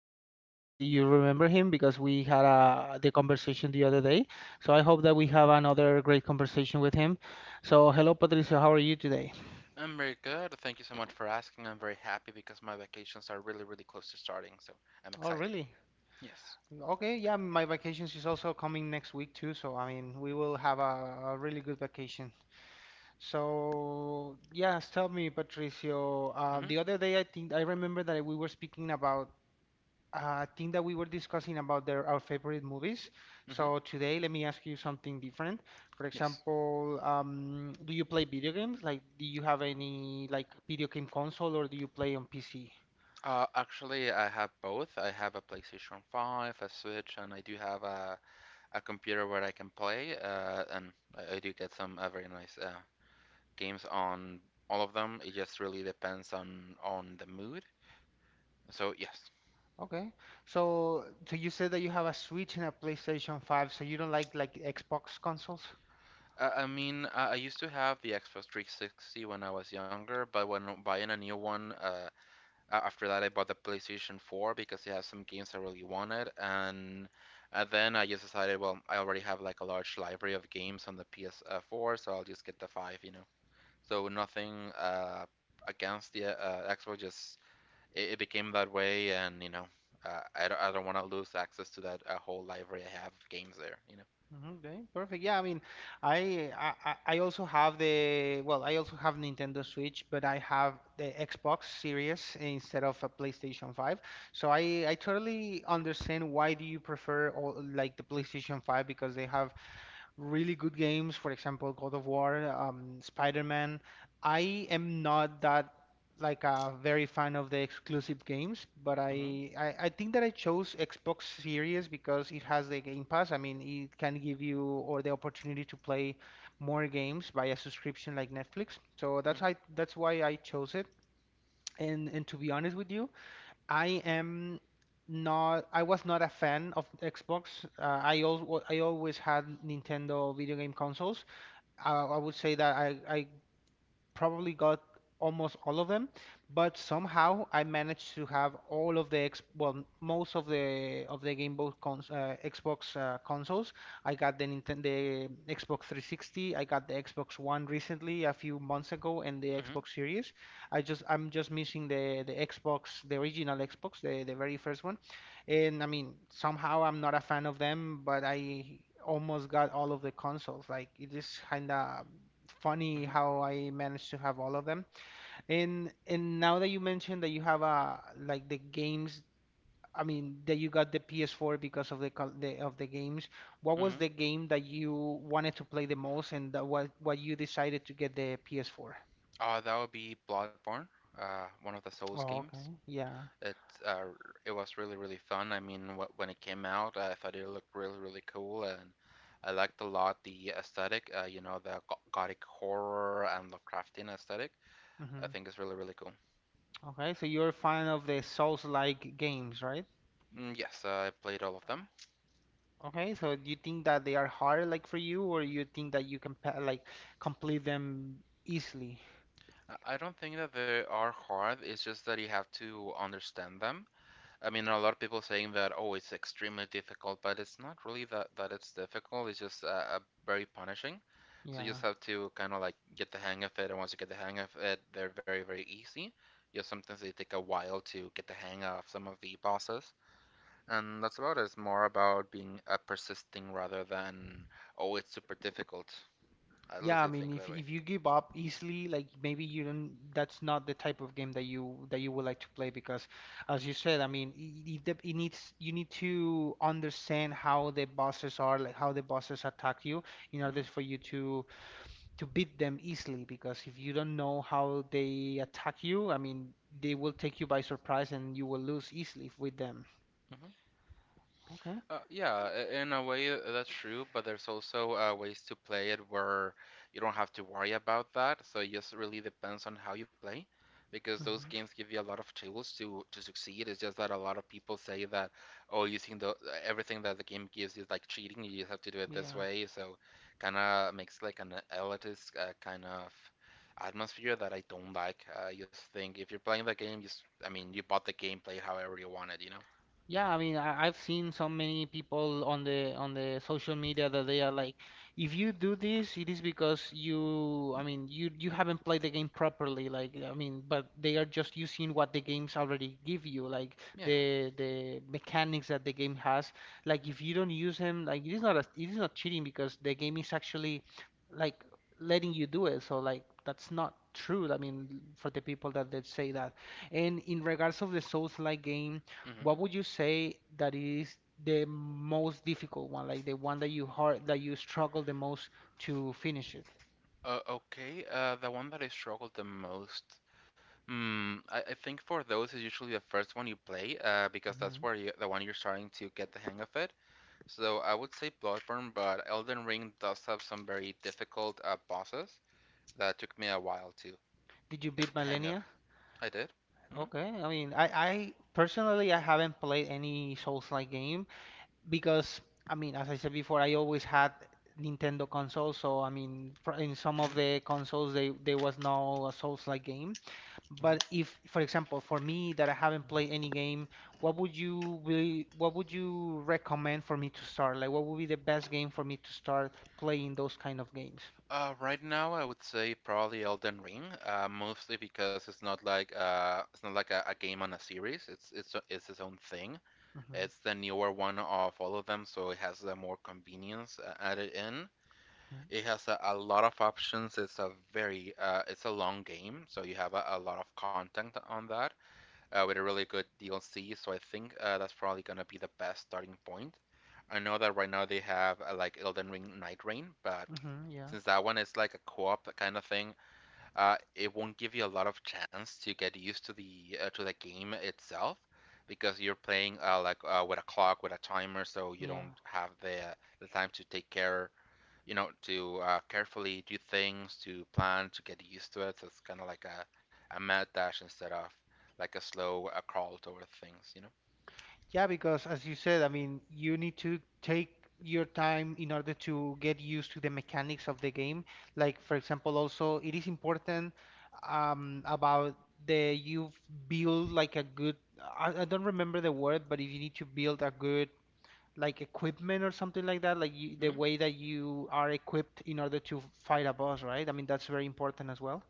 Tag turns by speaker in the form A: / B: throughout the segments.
A: Patricio. Do you remember him? Because we had the conversation the other day. So I hope that we have another great conversation with him. So hello, Patricio. How are you today?
B: I'm very good. Thank you so much for asking. I'm very happy because my vacations are really, really close to starting, so I'm
A: Oh,
B: excited.
A: really?
B: Yes.
A: Okay. Yeah, my vacations is also coming next week too. So I mean, we will have a really good vacation. So yes, tell me, Patricio.
B: Mm-hmm.
A: The other day, I think I remember that we were speaking about uh, I think that we were discussing about their our favorite movies.
B: Mm-hmm.
A: So today, let me ask you something different. For
B: Yes.
A: example, do you play video games? Like, do you have any like video game console, or do you play on PC?
B: Actually, I have both. I have a PlayStation 5, a Switch, and I do have a computer where I can play. And I do get some very nice games on all of them. It just really depends on the mood. So yes.
A: Okay. So you said that you have a Switch and a PlayStation 5, so you don't like Xbox consoles?
B: I used to have the Xbox 360 when I was younger, but when buying a new one. After that, I bought the PlayStation 4 because it has some games I really wanted, and then I just decided, well, I already have like a large library of games on the PS4, so I'll just get the five. So nothing against the Xbox, just it became that way, and you know. I don't want to lose access to that whole library I have of games there, you know.
A: Mhm. Okay, perfect. Yeah, I mean, I also have the well, I also have Nintendo Switch, but I have the Xbox Series instead of a PlayStation 5. So I totally understand why do you prefer all, like the PlayStation 5 because they have really good games, for example, God of War, Spider-Man. I am not that like a very fan of the exclusive games, but
B: Mm-hmm,
A: I think that I chose Xbox Series because it has the Game Pass. I mean, it can give you or the opportunity to play more games by a subscription like Netflix. So
B: mm-hmm,
A: that's why I chose it. And to be honest with you, I am not, I was not a fan of Xbox. I always had Nintendo video game consoles. I would say that I probably got almost all of them, but somehow I managed to have all of the ex well, most of the Game Boy cons Xbox consoles. I got the Nintendo the Xbox 360, I got the Xbox One recently a few months ago, and the
B: mm-hmm,
A: Xbox Series. I'm just missing the Xbox, the original Xbox, the very first one. And I mean, somehow I'm not a fan of them, but I almost got all of the consoles. Like it is kinda funny how I managed to have all of them. And now that you mentioned that you have like the games, I mean that you got the PS4 because of the, col- the of the games. What was
B: mm-hmm.
A: the game that you wanted to play the most, and that what you decided to get the PS4?
B: Oh, that would be Bloodborne, one of the Souls
A: Oh,
B: games.
A: okay. Yeah.
B: It uh, it was really really fun. I mean, wh when it came out, I thought it looked really really cool, and I liked a lot the aesthetic. You know, the gothic horror and Lovecraftian aesthetic. I
A: hmm
B: think it's really really cool.
A: Okay, so you're a fan of the Souls-like games, right?
B: Mm, yes, I played all of them.
A: Okay, so do you think that they are hard like for you, or you think that you can like complete them easily?
B: I don't think that they are hard. It's just that you have to understand them. I mean, a lot of people saying that, oh, it's extremely difficult, but it's not really that it's difficult. It's just very punishing. So you
A: Yeah.
B: just have to kind of like get the hang of it, and once you get the hang of it, they're very, very easy. Just sometimes they take a while to get the hang of some of the bosses, and that's about it. It's more about being persisting rather than, oh, it's super difficult. At
A: Yeah,
B: least
A: I
B: I really
A: mean,
B: think
A: if
B: that way.
A: if you give up easily, like maybe you don't, that's not the type of game that you would like to play because, as you said, I mean, it needs you need to understand how the bosses are, like how the bosses attack you, in order for you to beat them easily. Because if you don't know how they attack you, I mean, they will take you by surprise and you will lose easily with them.
B: hmm
A: Okay.
B: Yeah, in a way that's true, but there's also ways to play it where you don't have to worry about that. So it just really depends on how you play, because those games
A: Hmm.
B: give you a lot of tools to succeed. It's just that a lot of people say that, oh, using the everything that the game gives is like cheating. You just have to do it this
A: Yeah.
B: way. So kind of makes like an elitist kind of atmosphere that I don't like. I just think if you're playing the game, you bought the game, play however you want it, you know?
A: Yeah, I mean, I, I've seen so many people on the social media that they are like, if you do this, it is because you, I mean, you haven't played the game properly. Like, I mean, but they are just using what the games already give you, like
B: Yeah.
A: the mechanics that the game has. Like, if you don't use them, like it is not a, it is not cheating because the game is actually like letting you do it. So like that's not true. I mean, for the people that they say that. And in regards of the Souls-like games.
B: hmm
A: What would you say that is the most difficult one, like the one that you hard that you struggle the most to finish it?
B: Okay, the one that I struggled the most. I think for those is usually the first one you play, because
A: Hmm.
B: that's where the one you're starting to get the hang of it. So I would say Bloodborne, but Elden Ring does have some very difficult bosses that took me a while to
A: Did you
B: get the
A: beat
B: hang of.
A: Millennia?
B: I did. hmm
A: Okay, I mean, I personally I haven't played any Souls-like game because I mean, as I said before, I always had Nintendo consoles, so I mean, in some of
B: hmm
A: the consoles they there was no Souls-like game. But
B: hmm
A: if, for example, for me that I haven't played any game, what would you recommend for me to start? Like, what would be the best game for me to start playing those kind of games?
B: Right now, I would say probably Elden Ring, mostly because it's not like a game on a series. It's it's its own thing.
A: Mm-hmm.
B: It's the newer one of all of them, so it has the more convenience added in. It has a lot of options. It's a very it's a long game, so you have a lot of content on that with a really good DLC. So I think that's probably gonna be the best starting point. I know that right now they have like Elden Ring Night Rain, but
A: Mm-hmm. Yeah.
B: since that one is like a co-op kind of thing, it won't give you a lot of chance to get used to the game itself because you're playing like with a clock with a timer, so you
A: Yeah.
B: don't have the time to take care, you know, to carefully do things, to plan, to get used to it. So it's kind of like a mad dash instead of like a slow crawl toward things, you know.
A: Yeah, because as you said, I mean, you need to take your time in order to get used to the mechanics of the game. Like, for example, also it is important about the you've built like a good. I don't remember the word, but if you need to build a good like equipment or something like that, like you, the
B: hmm
A: way that you are equipped in order to fight a boss, right? I mean, that's very important as well.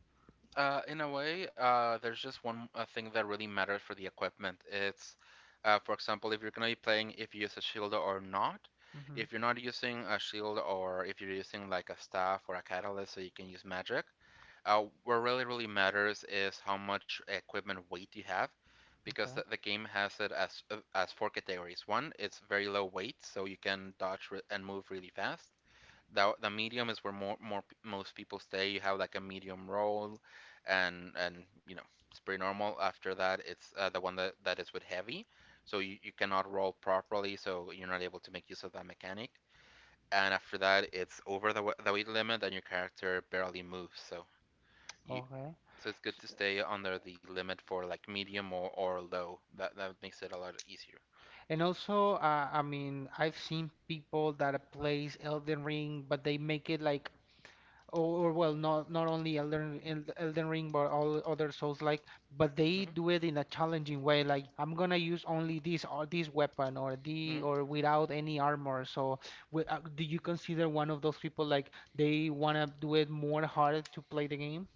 B: In a way, there's just one thing that really matters for the equipment. For example, if you're going to be playing if you use a shield or not.
A: Hmm.
B: If you're not using a shield or if you're using like a staff or a catalyst so you can use magic, what really, really matters is how much equipment weight you have because
A: Okay.
B: the game has it as four categories. One, it's very low weight, so you can dodge and move really fast the medium is where most people stay. You have like a medium roll, and you know it's pretty normal. After that, it's the one that is with heavy, so you cannot roll properly, so you're not able to make use of that mechanic. And after that, it's over the the weight limit, and your character barely moves. You
A: Okay.
B: so it's
A: S-
B: good to stay under the limit for like medium or low. That makes it a lot easier.
A: And also, I mean, I've seen people that plays Elden Ring, but they make it like or well, not not only Elden Ring, but all other Souls like, but they
B: hmm
A: do it in a challenging way. Like I'm gonna use only this or this weapon or the or
B: hmm
A: without any armor. So, do you consider one of those people like they wanna do it more hard to play the game?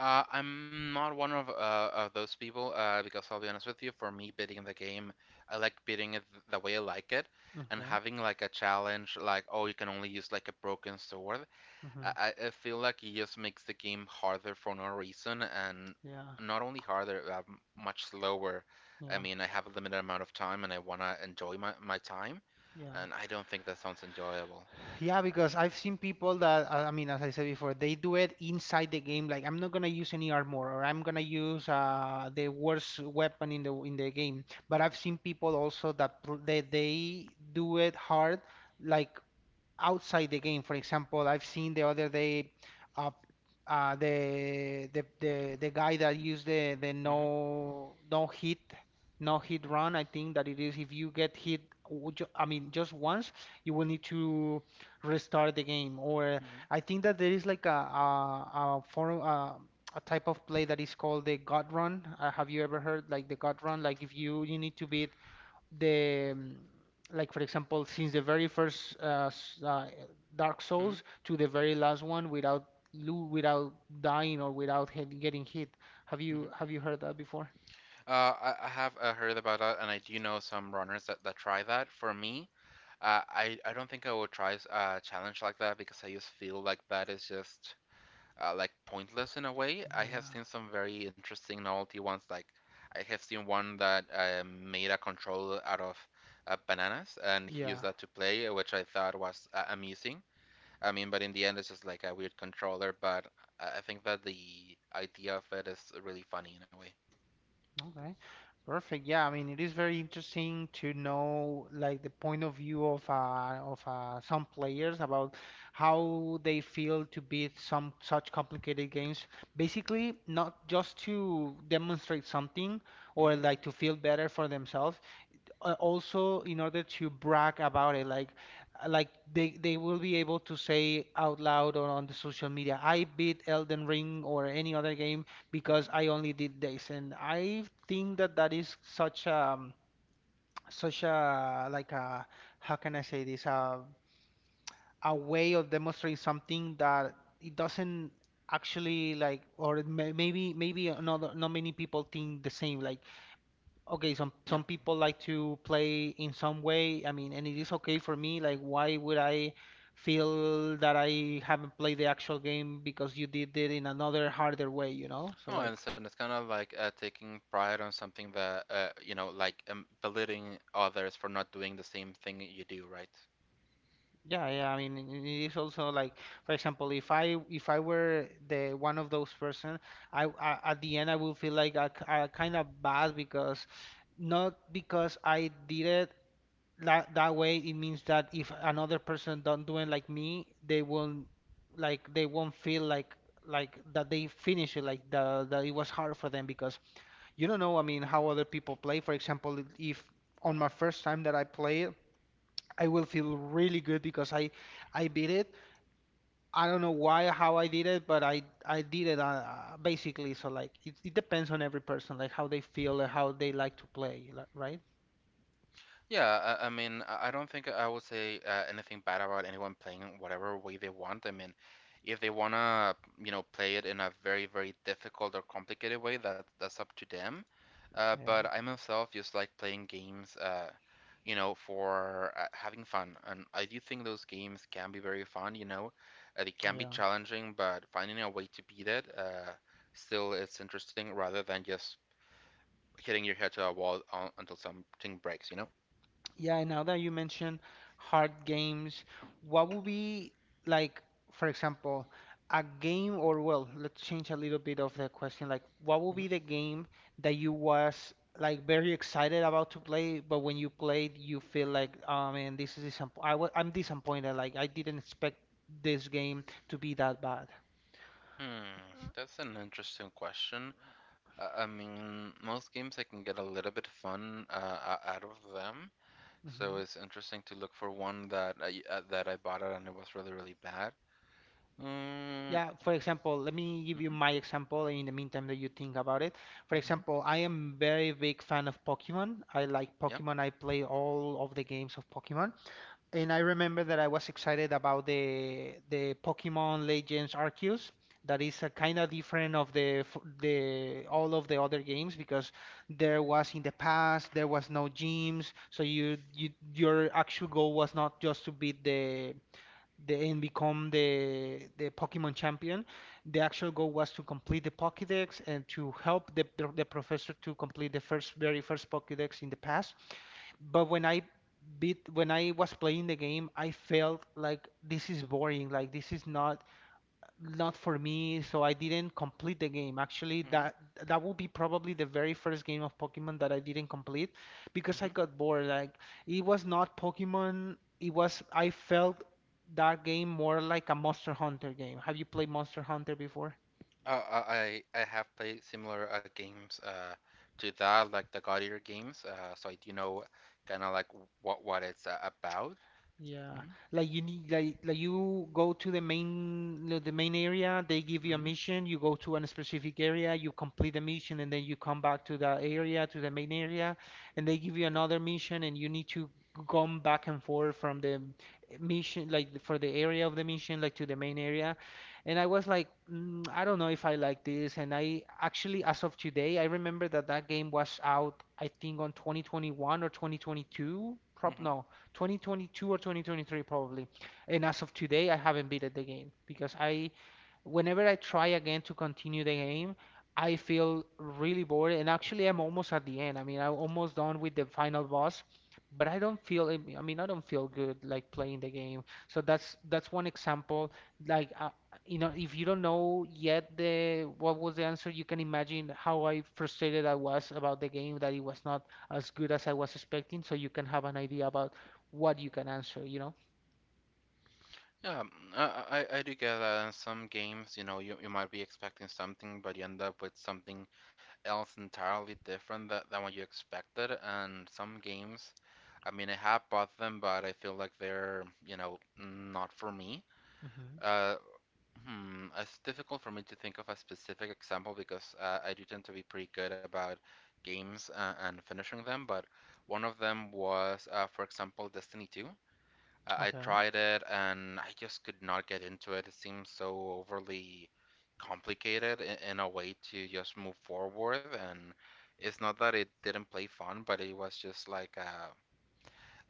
B: I'm not one of those people because I'll be honest with you. For me, beating the game, I like beating it the way I like it, and
A: Okay.
B: having like a challenge, like oh, you can only use like a broken sword.
A: Hmm.
B: I feel like it just makes the game harder for no reason, and
A: Yeah.
B: not only harder, much slower. I
A: Yeah.
B: mean, I have a limited amount of time, and I wanna enjoy my time,
A: Yeah.
B: and I don't think that sounds enjoyable.
A: Yeah, because I've seen people that, I mean, as I said before, they do it inside the game. Like, I'm not gonna use any armor, or I'm gonna use the worst weapon in the game. But I've seen people also that they do it hard, like outside the game. For example, I've seen the other day uh, the guy that used the
B: hmm
A: no hit run. I think that it is if you get hit, I mean just once, you will need to restart the game. Or I
B: hmm
A: think that there is like a form. A type of play that is called the God Run. Have you ever heard like the God Run? Like if you need to beat the mm, like for example since the very first Dark Souls
B: hmm
A: to the very last one without lo without dying or without getting hit. Have you
B: hmm
A: have you heard that before?
B: I have heard about that, and I do know some runners that try that. For me, I don't think I would try a challenge like that because I just feel like that is just like pointless in a way. I have seen
A: Yeah.
B: some very interesting novelty ones. Like I have seen one that made a control out of bananas, and he used
A: Yeah.
B: that to play, which I thought was amusing. I mean, but in the end, it's just like a weird controller. But I think that the idea of it is really funny in a way.
A: Okay, perfect. Yeah, I mean, it is very interesting to know like the point of view of some players about how they feel to beat some such complicated games. Basically, not just to demonstrate something or
B: hmm
A: like to feel better for themselves, also in order to brag about it like they will be able to say out loud or on the social media I beat Elden Ring or any other game
B: hmm
A: because I only did this and I think that that is such a such a like a how can I say this a way of demonstrating something that it doesn't actually like or maybe another not many people think the same like Okay,
B: Yeah.
A: some people like to play in some way. I mean, and it is okay for me. Like, why would I feel that I haven't played the actual game because you did it in another harder way, you know? So
B: No, I
A: like,
B: understand. It's kind of like taking pride on something that, you know, like belittling others for not doing the same thing you do, right?
A: yeah,
B: Uh,
A: yeah. I mean, it is also like, for example, if I were the one of those person, I at the end I would feel like I, kind of bad because not because I did it that that way it means that if another person don't do it like me they won't like they won't feel like that they finish it like the that it was hard for them because you don't know I mean how other people play for example if on my first time that I play it I will feel really good because I beat it I don't know why how I did it but I did it basically so like it depends on every person like how they feel and how they like to play like, right.
B: Yeah, I don't think I would say anything bad about anyone playing it whatever way they want. I mean, if they wanna, you know, play it in a very, very difficult or complicated way, that that's up to them. But
A: Yeah.
B: I myself just like playing games, you know, for having fun. And I do think those games can be very fun, you know. They can be
A: Yeah.
B: challenging, but finding a way to beat it, still is interesting rather than just hitting your head to a wall until something breaks, you know?
A: Yeah, and now that you mention hard games, what would be like, for example, a game or well, let's change a little bit of the question. Like, what would be the game that you was like very excited about to play, but when you played, you feel like, oh man, this is disappoint. I'm disappointed. Like, I didn't expect this game to be that bad.
B: Hmm, that's an interesting question. I mean, most games I can get a little bit fun out of them, so
A: Mm-hmm.
B: it's interesting to look for one that I bought it and it was really really bad. Um,
A: Yeah, for example, let me give you
B: mhm,
A: my example in the meantime that you think about it. For
B: mhm,
A: example, I am very big fan of Pokemon. I like
B: yeah,
A: Pokemon. I play all of the games of Pokemon. And I remember that I was excited about the Pokemon Legends Arceus. That is a kind of different of the all of the other games because there was in the past there was no gyms, so your actual goal was not just to beat the and become the Pokemon champion. The actual goal was to complete the Pokédex and to help the professor to complete the first very first Pokédex in the past. But when I was playing the game, I felt like this is boring. Like this is not for me, so I didn't complete the game. Actually,
B: mhm,
A: that would be probably the very first game of Pokemon that I didn't complete because I
B: mhm.
A: got bored. Like it was not Pokemon, it was I felt that game more like a Monster Hunter game. Have you played Monster Hunter before?
B: I have played similar games to that, like the God Eater games. So I do know kind of like what it's about.
A: Yeah,
B: hmm
A: like you go to the main area. They give you a mission. You go to a specific area. You complete the mission, and then you come back to the main area, and they give you another mission, and you need to come back and forth from the area of the mission like to the main area. And I was like, I don't know if I like this. And I actually, as of today, I remember that that game was out. I think on 2021 or 2022. Prob
B: hmm
A: no. 2022 or 2023 probably. And as of today, I haven't beaten the game because I whenever I try again to continue the game, I feel really bored. And actually, I'm almost at the end. I mean, I'm almost done with the final boss, but I don't feel. I mean, I don't feel good like playing the game. So that's one example. Like, you know, if you don't know yet the what was the answer, you can imagine how I frustrated I was about the game that it was not as good as I was expecting. So you can have an idea about what you can answer.
B: Yeah, I do get that in some games, you know, you might be expecting something, but you end up with something else entirely different than what you expected. And some games, I mean, I have bought them, but I feel like they're, you know, not for me.
A: Hmm.
B: Uh, it's difficult for me to think of a specific example because I do tend to be pretty good about games and finishing them, but one of them was, for example, Destiny 2. I
A: Okay.
B: tried it and I just could not get into it. It seems so overly complicated in a way to just move forward. And it's not that it didn't play fun, but it was just like a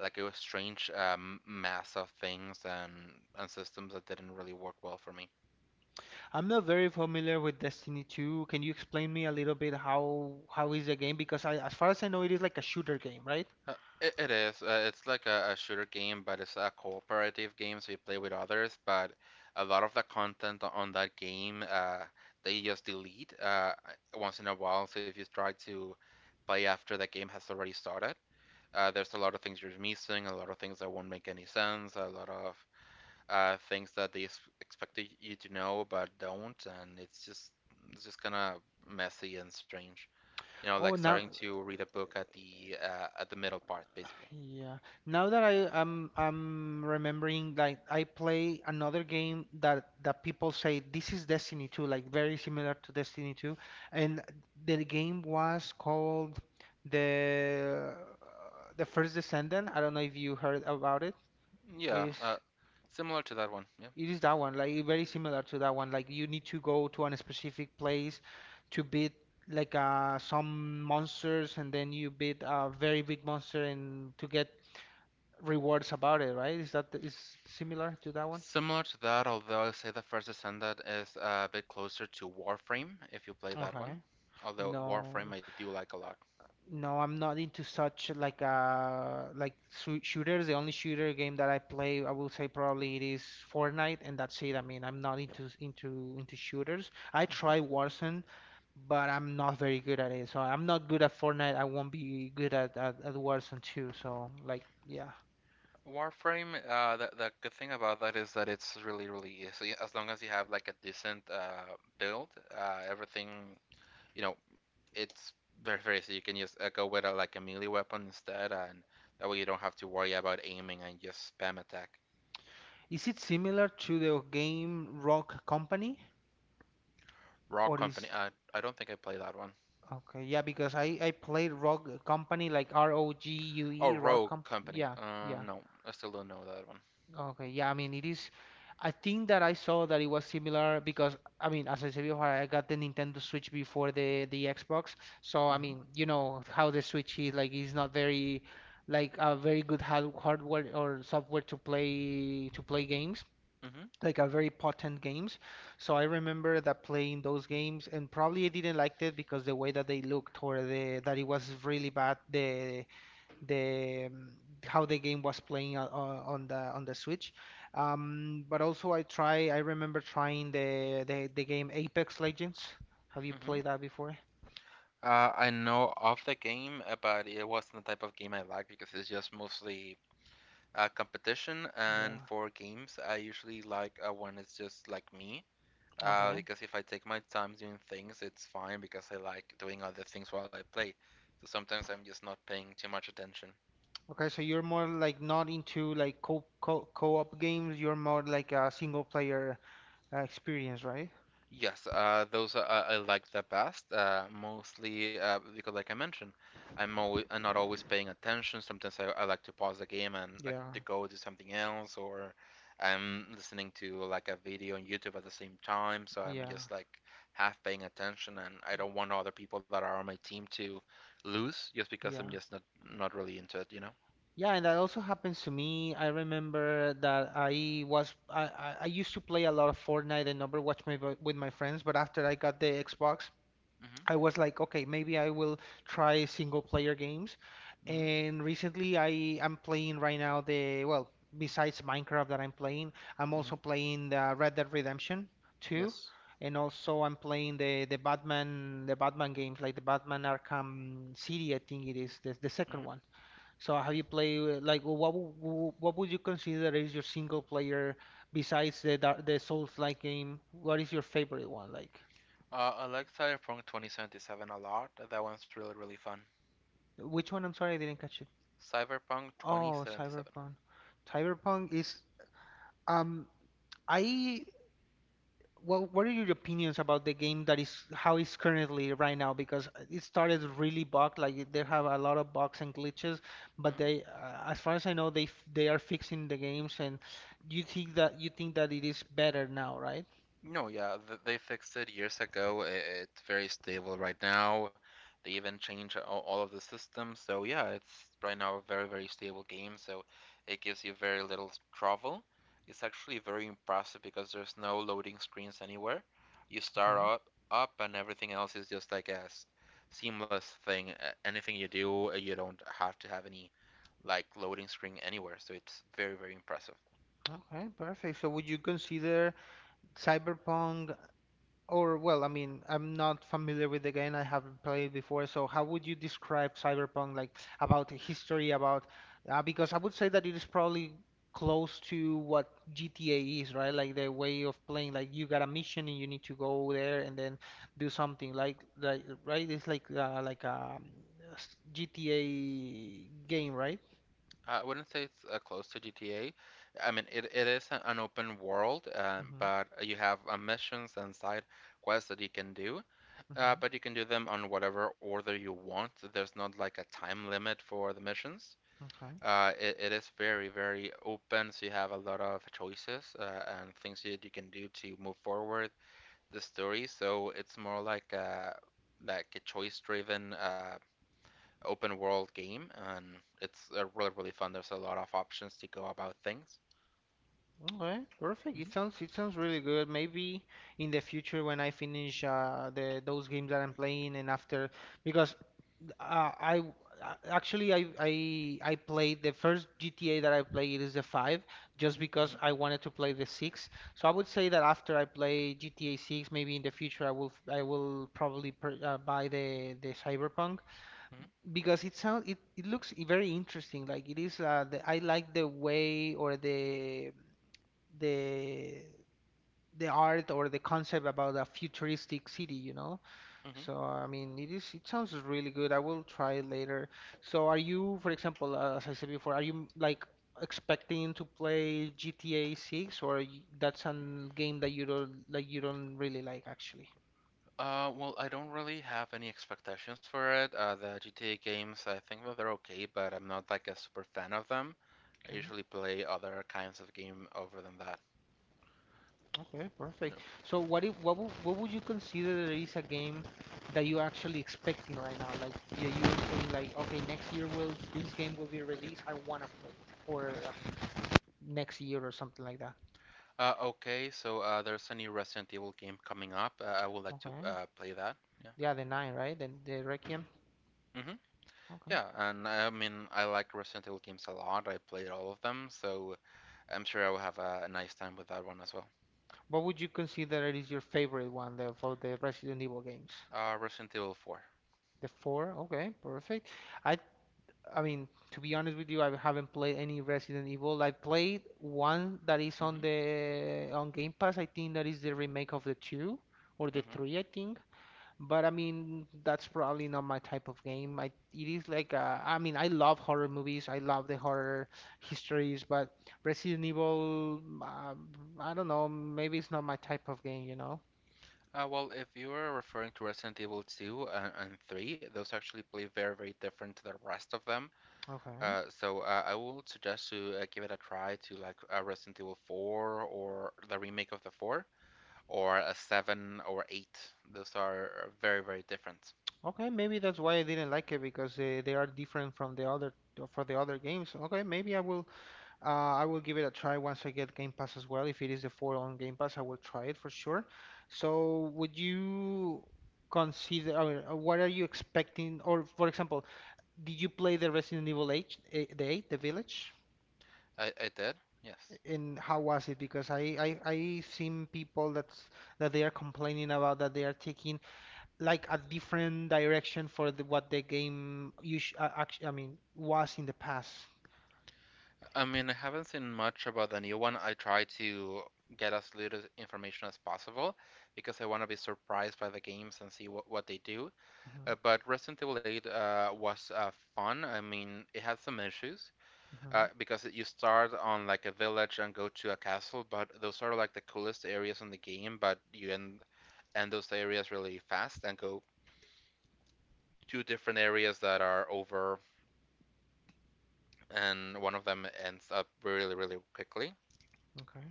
B: like it was strange mass of things and systems that didn't really work well for me.
A: I'm not very familiar with Destiny 2. Can you explain me a little bit how is the game? Because I, as far as I know, it is like a shooter game, right?
B: Uh, it is. It's like a shooter game, but it's a cooperative game, so you play with others. But a lot of the content on that game, they just delete once in a while. So if you try to play after the game has already started, there's a lot of things you're missing, a lot of things that won't make any sense, a lot of things that expect you to know but don't, and it's just kind of messy and strange. You know,
A: Oh,
B: like
A: now,
B: starting to read a book at the middle part, basically.
A: yeah. Now that I'm remembering, like I play another game that people say this is Destiny 2, like very similar to Destiny 2, and the game was called the the First Descendant. I don't know if you heard about it. It
B: Yeah,
A: is.
B: similar to that one. Yeah.
A: It is that one, like very similar to that one. Like you need to go to a specific place to beat like some monsters, and then you beat a very big monster and to get rewards about it, right? Is that is similar to that one?
B: Similar to that, although I say the first Ascendant is a bit closer to Warframe if you play that
A: Okay.
B: one. Although Warframe
A: No.
B: I do like a lot.
A: No, I'm not into such like shooters. The only shooter game that I play, I will say probably it is Fortnite, and that's it. I mean, I'm not into shooters. I
B: Mhm.
A: try Warzone, but I'm not very good at it. So I'm not good at Fortnite. I won't be good at at Warzone too. So like, yeah.
B: Warframe, the good thing about that is that it's really, really easy. As long as you have like a decent build, uh, everything, you know, it's very, very easy. You can just go with like a melee weapon instead, and that way you don't have to worry about aiming and just spam attack.
A: Is it similar to the game Rock Company,
B: Rock
A: or is
B: Company, I, I don't think I play that one.
A: okay? Yeah, because I played Rock Company like R O G U
B: Oh,
A: E Rock
B: Rogue
A: Comp.
B: Company.
A: Yeah, yeah.
B: No, I still don't know that one.
A: Okay, yeah, I mean, it is. I think that I saw that it was similar because, I mean, as I said before, I got the Nintendo Switch before the Xbox. So, I
B: Mm-hmm.
A: mean, you know how the Switch is like, it's not very like a very good hardware or software to play games,
B: Mm-hmm.
A: like a very potent games. So I remember that playing those games, and probably I didn't like it because the way that they looked or the that it was really bad the how the game was playing on the Switch. But also I remember trying the game Apex Legends. Have you
B: Mm-hmm.
A: played that before?
B: I know of the game, but it wasn't the type of game I like because it's just mostly competition. And
A: Yeah.
B: for games, I usually like when it's just like me.
A: Okay.
B: Because if I take my time doing things, it's fine because I like doing other things while I play. So sometimes I'm just not paying too much attention.
A: Okay, so you're more like not into like co co co-op games. You're more like a single player experience, right?
B: Yes, those are, I like the best, mostly because, like I mentioned, I'm not always paying attention. Sometimes I like to pause the game and like
A: Yeah.
B: to go do something else, or I'm listening to like a video on YouTube at the same time, so I'm
A: Yeah,
B: just like half paying attention, and I don't want other people that are on my team to lose just because I'm
A: yeah.
B: just not not really into it, you know?
A: Yeah, and that also happens to me. I remember that I was I used to play a lot of Fortnite and Overwatch maybe with my friends, but after I got the Xbox,
B: Mm-hmm.
A: I was like, okay, maybe I will try single player games.
B: Mm-hmm.
A: And recently I am playing right now besides Minecraft that I'm playing, I'm
B: Mm-hmm.
A: also playing the Red Dead Redemption 2,
B: Yes.
A: and also I'm playing the Batman games like the Batman Arkham City, I think it is the second
B: Mm-hmm.
A: one. So how you played like what would you consider is your single player besides the Souls-like game? What is your favorite one? Like
B: I like Cyberpunk 2077 a lot. That one's really, really fun.
A: which one? I'm sorry, I didn't catch it.
B: Cyberpunk
A: Oh,
B: 2077.
A: Cyberpunk. Cyberpunk is um I what are your opinions about the game that is how it's currently right now? Because it started really bugged, like they have a lot of bugs and glitches, but
B: Mm-hmm.
A: they as far as I know they are fixing the games and you think that it is better now, right?
B: No, yeah, they fixed it years ago. It's very stable right now. They even changed all of the systems. So, yeah, it's right now a very, very stable game. So, it gives you very little trouble. It's actually very impressive because there's no loading screens anywhere. You start up, up and everything else is just like a seamless thing. Anything you do, you don't have to have any like loading screen anywhere. So, it's very, very impressive.
A: Okay, perfect. So would you consider Cyberpunk or well, I mean, I'm not familiar with the game. I haven't played before. So how would you describe Cyberpunk like about the history about because I would say that it is probably close to what GTA is, right? Like the way of playing like you got a mission and you need to go there and then do something right? It's like like a GTA game, right?
B: I wouldn't say it's close to GTA. I mean, it is an open world,
A: Mhm.
B: but you have missions and side quests that you can do.
A: Mhm.
B: But you can do them on whatever order you want. There's not like a time limit for the missions.
A: Okay.
B: It is very, very open, so you have a lot of choices and things that you can do to move forward the story. So it's more like a choice-driven open world game, and it's really really fun. There's a lot of options to go about things.
A: Okay, perfect.
B: Mhm.
A: It sounds really good. Maybe in the future when I finish the those games that I'm playing and after because I w- a- actually I played the first GTA that I played is the 5 just because
B: Hmm.
A: I wanted to play the 6. So I would say that after I play GTA 6, maybe in the future I will probably buy the Cyberpunk because it sounds it looks very interesting. Like it is the I like the way or the the art or the concept about a futuristic city, you know?
B: Hmm.
A: So I mean, it is it sounds really good. I will try it later. So are you, for example, as I said before, are you like expecting to play GTA 6 or that's a game that you don't like you don't really like actually?
B: Well, I don't really have any expectations for it. The GTA games, I think that they're okay, but I'm not like a super fan of them. I
A: Okay.
B: usually play other kinds of game over than that.
A: Okay,
B: No.
A: perfect. So what if, what would you consider that is a game that you are actually expecting right now? Like yeah, you are saying like, okay, next year will this game will be released. I wanna play it, or next year or something like that.
B: Okay, so there's a new Resident Evil game coming up. I would like to
A: Okay.
B: play that. Yeah.
A: Yeah, the nine, right? The Requiem.
B: Hmm.
A: Okay.
B: Yeah, and I mean, I like Resident Evil games a lot. I played all of them, so I'm sure I will have a nice time with that one as well.
A: What would you consider is your favorite one for the Resident Evil games?
B: Resident Evil 4.
A: The four? Okay, perfect. I I mean, to be honest with you, I haven't played any Resident Evil. I played one that is on
B: Mm-hmm.
A: the on Game Pass. I think that is the remake of the two or the
B: Mm-hmm.
A: three, I think. But I mean, that's probably not my type of game. I it is like I mean, I love horror movies. I love the horror histories, but Resident Evil, um, I don't know. Maybe it's not my type of game, you know?
B: Well, if you are referring to Resident Evil 2 and 3, those actually play very, very different to the rest of them.
A: Okay.
B: So I will suggest to give it a try to like Resident Evil 4 or the remake of the 4 or a 7 or 8. Those are very, very different.
A: Okay, maybe that's why I didn't like it because they are different from the other for the other games. Okay, maybe I will give it a try once I get Game Pass as well. If it is the full on Game Pass, I will try it for sure. So, would you consider, or what are you expecting? Or, for example, did you play the Resident Evil 8, the Village?
B: I did, yes.
A: And how was it? Because I seen people that they are complaining about that they are taking like a different direction for what the game I mean, was in the past.
B: I mean, I haven't seen much about the new one. I try to get as little information as possible because I want to be surprised by the games and see what they do.
A: Hmm.
B: But Resident Evil 8 was fun. I mean, it had some issues
A: Hmm.
B: because you start on like a village and go to a castle, but those are like the coolest areas in the game, but end those areas really fast and go to different areas that are over, and one of them ends up really, really quickly.
A: Okay.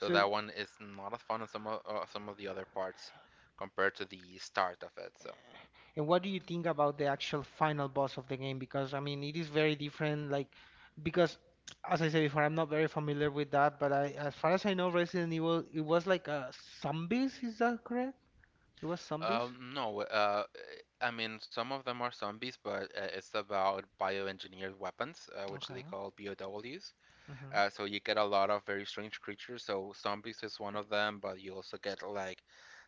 B: So that one is not as fun as some of the other parts compared to the start of it. So,
A: and what do you think about the actual final boss of the game? Because I mean, it is very different. Like, because as I said before, I'm not very familiar with that. But I, as far as I know, Resident Evil, it was like zombies. Is that correct? It was zombies.
B: no, I mean some of them are zombies, but it's about bioengineered weapons, which they
A: Okay.
B: call BOWs.
A: Hmm.
B: So you get a lot of very strange creatures. So zombies is one of them, but you also get like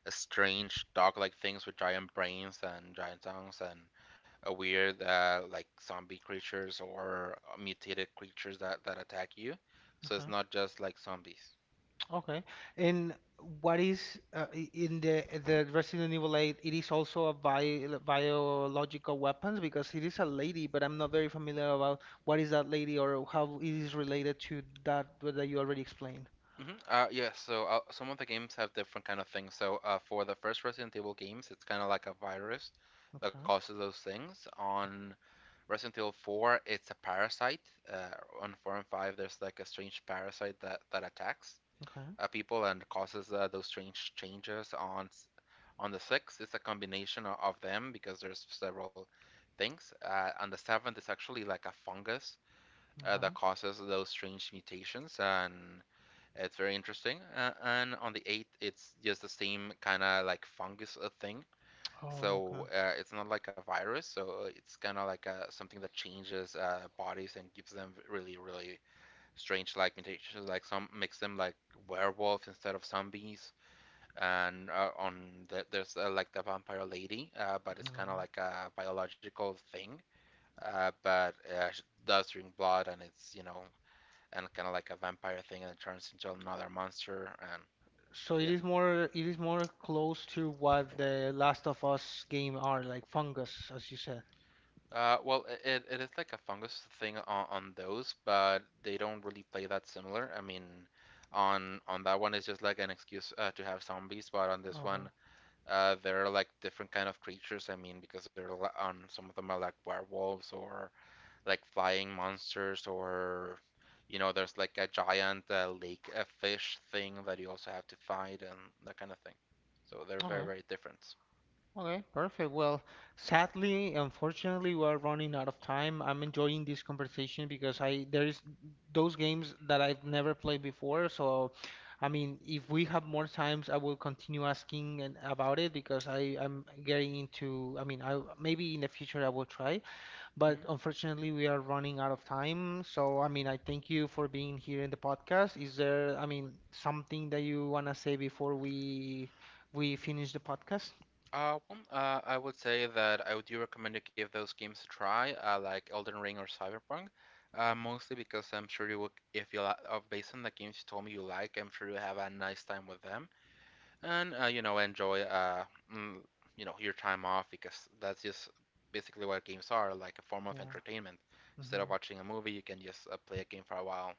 B: strange dog-like things with giant brains and giant tongues and a weird like zombie creatures or mutated creatures that attack you. So
A: Okay.
B: it's not just like zombies.
A: Okay. And what is in the Resident Evil 8? It is also a biological weapons because it is a lady, but I'm not very familiar about what is that lady or how it is related to that that you already explained.
B: Hmm. Yeah, some of the games have different kind of things. So for the first Resident Evil games, it's kind of like a virus that
A: Okay.
B: causes those things on Resident Evil 4, it's a parasite. On 4 and 5, there's like a strange parasite that attacks
A: Okay.
B: people and causes those strange changes on the sixth. It's a combination of them because there's several things. On the 7th, it's actually like a fungus that
A: Okay.
B: causes those strange mutations and it's very interesting. And on the 8th, it's just the same kind of like fungus thing,
A: Oh, okay.
B: so it's not like a virus, so it's kind of like something that changes bodies and gives them really, really strange like mutations. Like some makes them like werewolf instead of zombies. And there's like the vampire lady, but it's kind
A: Okay.
B: of like a biological thing. But she does drink blood, and it's you know, and kind of like a vampire thing, and it turns into another monster. And
A: So
B: so yeah.
A: it is more close to what the Last of Us game are, like fungus, as you said.
B: Well, it is like a fungus thing on those, but they don't really play that similar. I mean, on that one, it's just like an excuse to have zombies, but on this
A: Okay.
B: one, there are like different kind of creatures. I mean, because on some of them are like werewolves or like flying monsters, or you know, there's like a giant lake fish thing that you also have to fight and that kind of thing. So they're very,
A: Okay.
B: very different.
A: Okay. Perfect. Well, sadly, unfortunately, we are running out of time. I'm enjoying this conversation because I there is those games that I've never played before. So, I mean, if we have more times, I will continue asking and about it because I'm getting into. I mean, I maybe in the future I will try.
B: Mhm.
A: But unfortunately, we are running out of time. So, I mean, I thank you for being here in the podcast. Is there, I mean, something that you want to say before we finish the podcast?
B: Well, I would say that I would do recommend to give those games a try, like Elden Ring or Cyberpunk, mostly because I'm sure you will, if you li- based on the games you told me you like, I'm sure you'll have a nice time with them, and enjoy mm, your time off because that's just basically what games are, like a form of
A: Yeah.
B: entertainment. Instead of
A: Hmm.
B: watching a movie, you can just play a game for a while.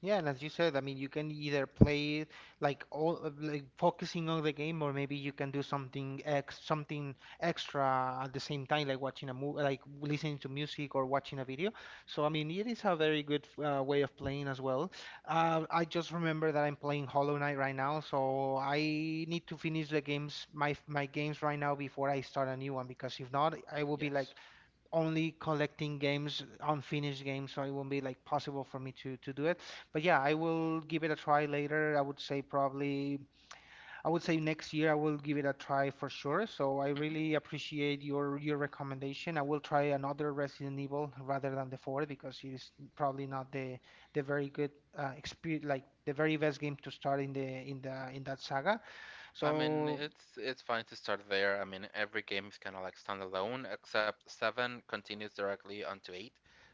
A: Yeah, and as you said, I mean, you can either play it like all like focusing on the game, or maybe you can do something extra at the same time, like watching a movie, like listening to music or watching a video. So I mean, it is a very good way of playing as well. I just remember that I'm playing Hollow Knight right now, so I need to finish the games, my games right now before I start a new one, because if not, I will be
B: Yes.
A: like only collecting games, unfinished games, so it won't be like possible for me to do it. But yeah, I will give it a try later. I would say probably, I would say next year I will give it a try for sure. So I
B: Hmm.
A: really appreciate your recommendation. I will try another Resident Evil rather than the four because it is probably not the the very good experience, like the very best game to start in the in that saga.
B: I mean,
A: So
B: it's fine to start there. I mean, every game is kind of like standalone, except seven continues directly onto eight.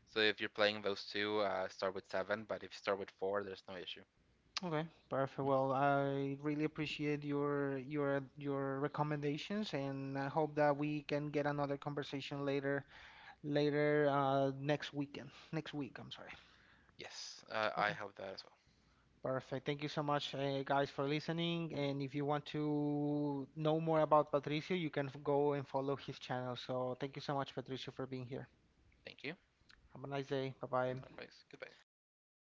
B: So if you're playing those two, start with seven. But if you start with four, there's no issue.
A: okay, perfect. Well, I really appreciate your your recommendations, and I hope that we can get another conversation later later next weekend. Next week, I'm sorry.
B: Yes, I
A: Okay,
B: have that as well.
A: perfect. Thank you so much, guys, for listening. And if you want to know more about Patricio, you can go and follow his channel. So thank you so much, Patricio, for being here.
B: Thank you.
A: Have a nice day. Bye bye.
B: Likewise. Goodbye.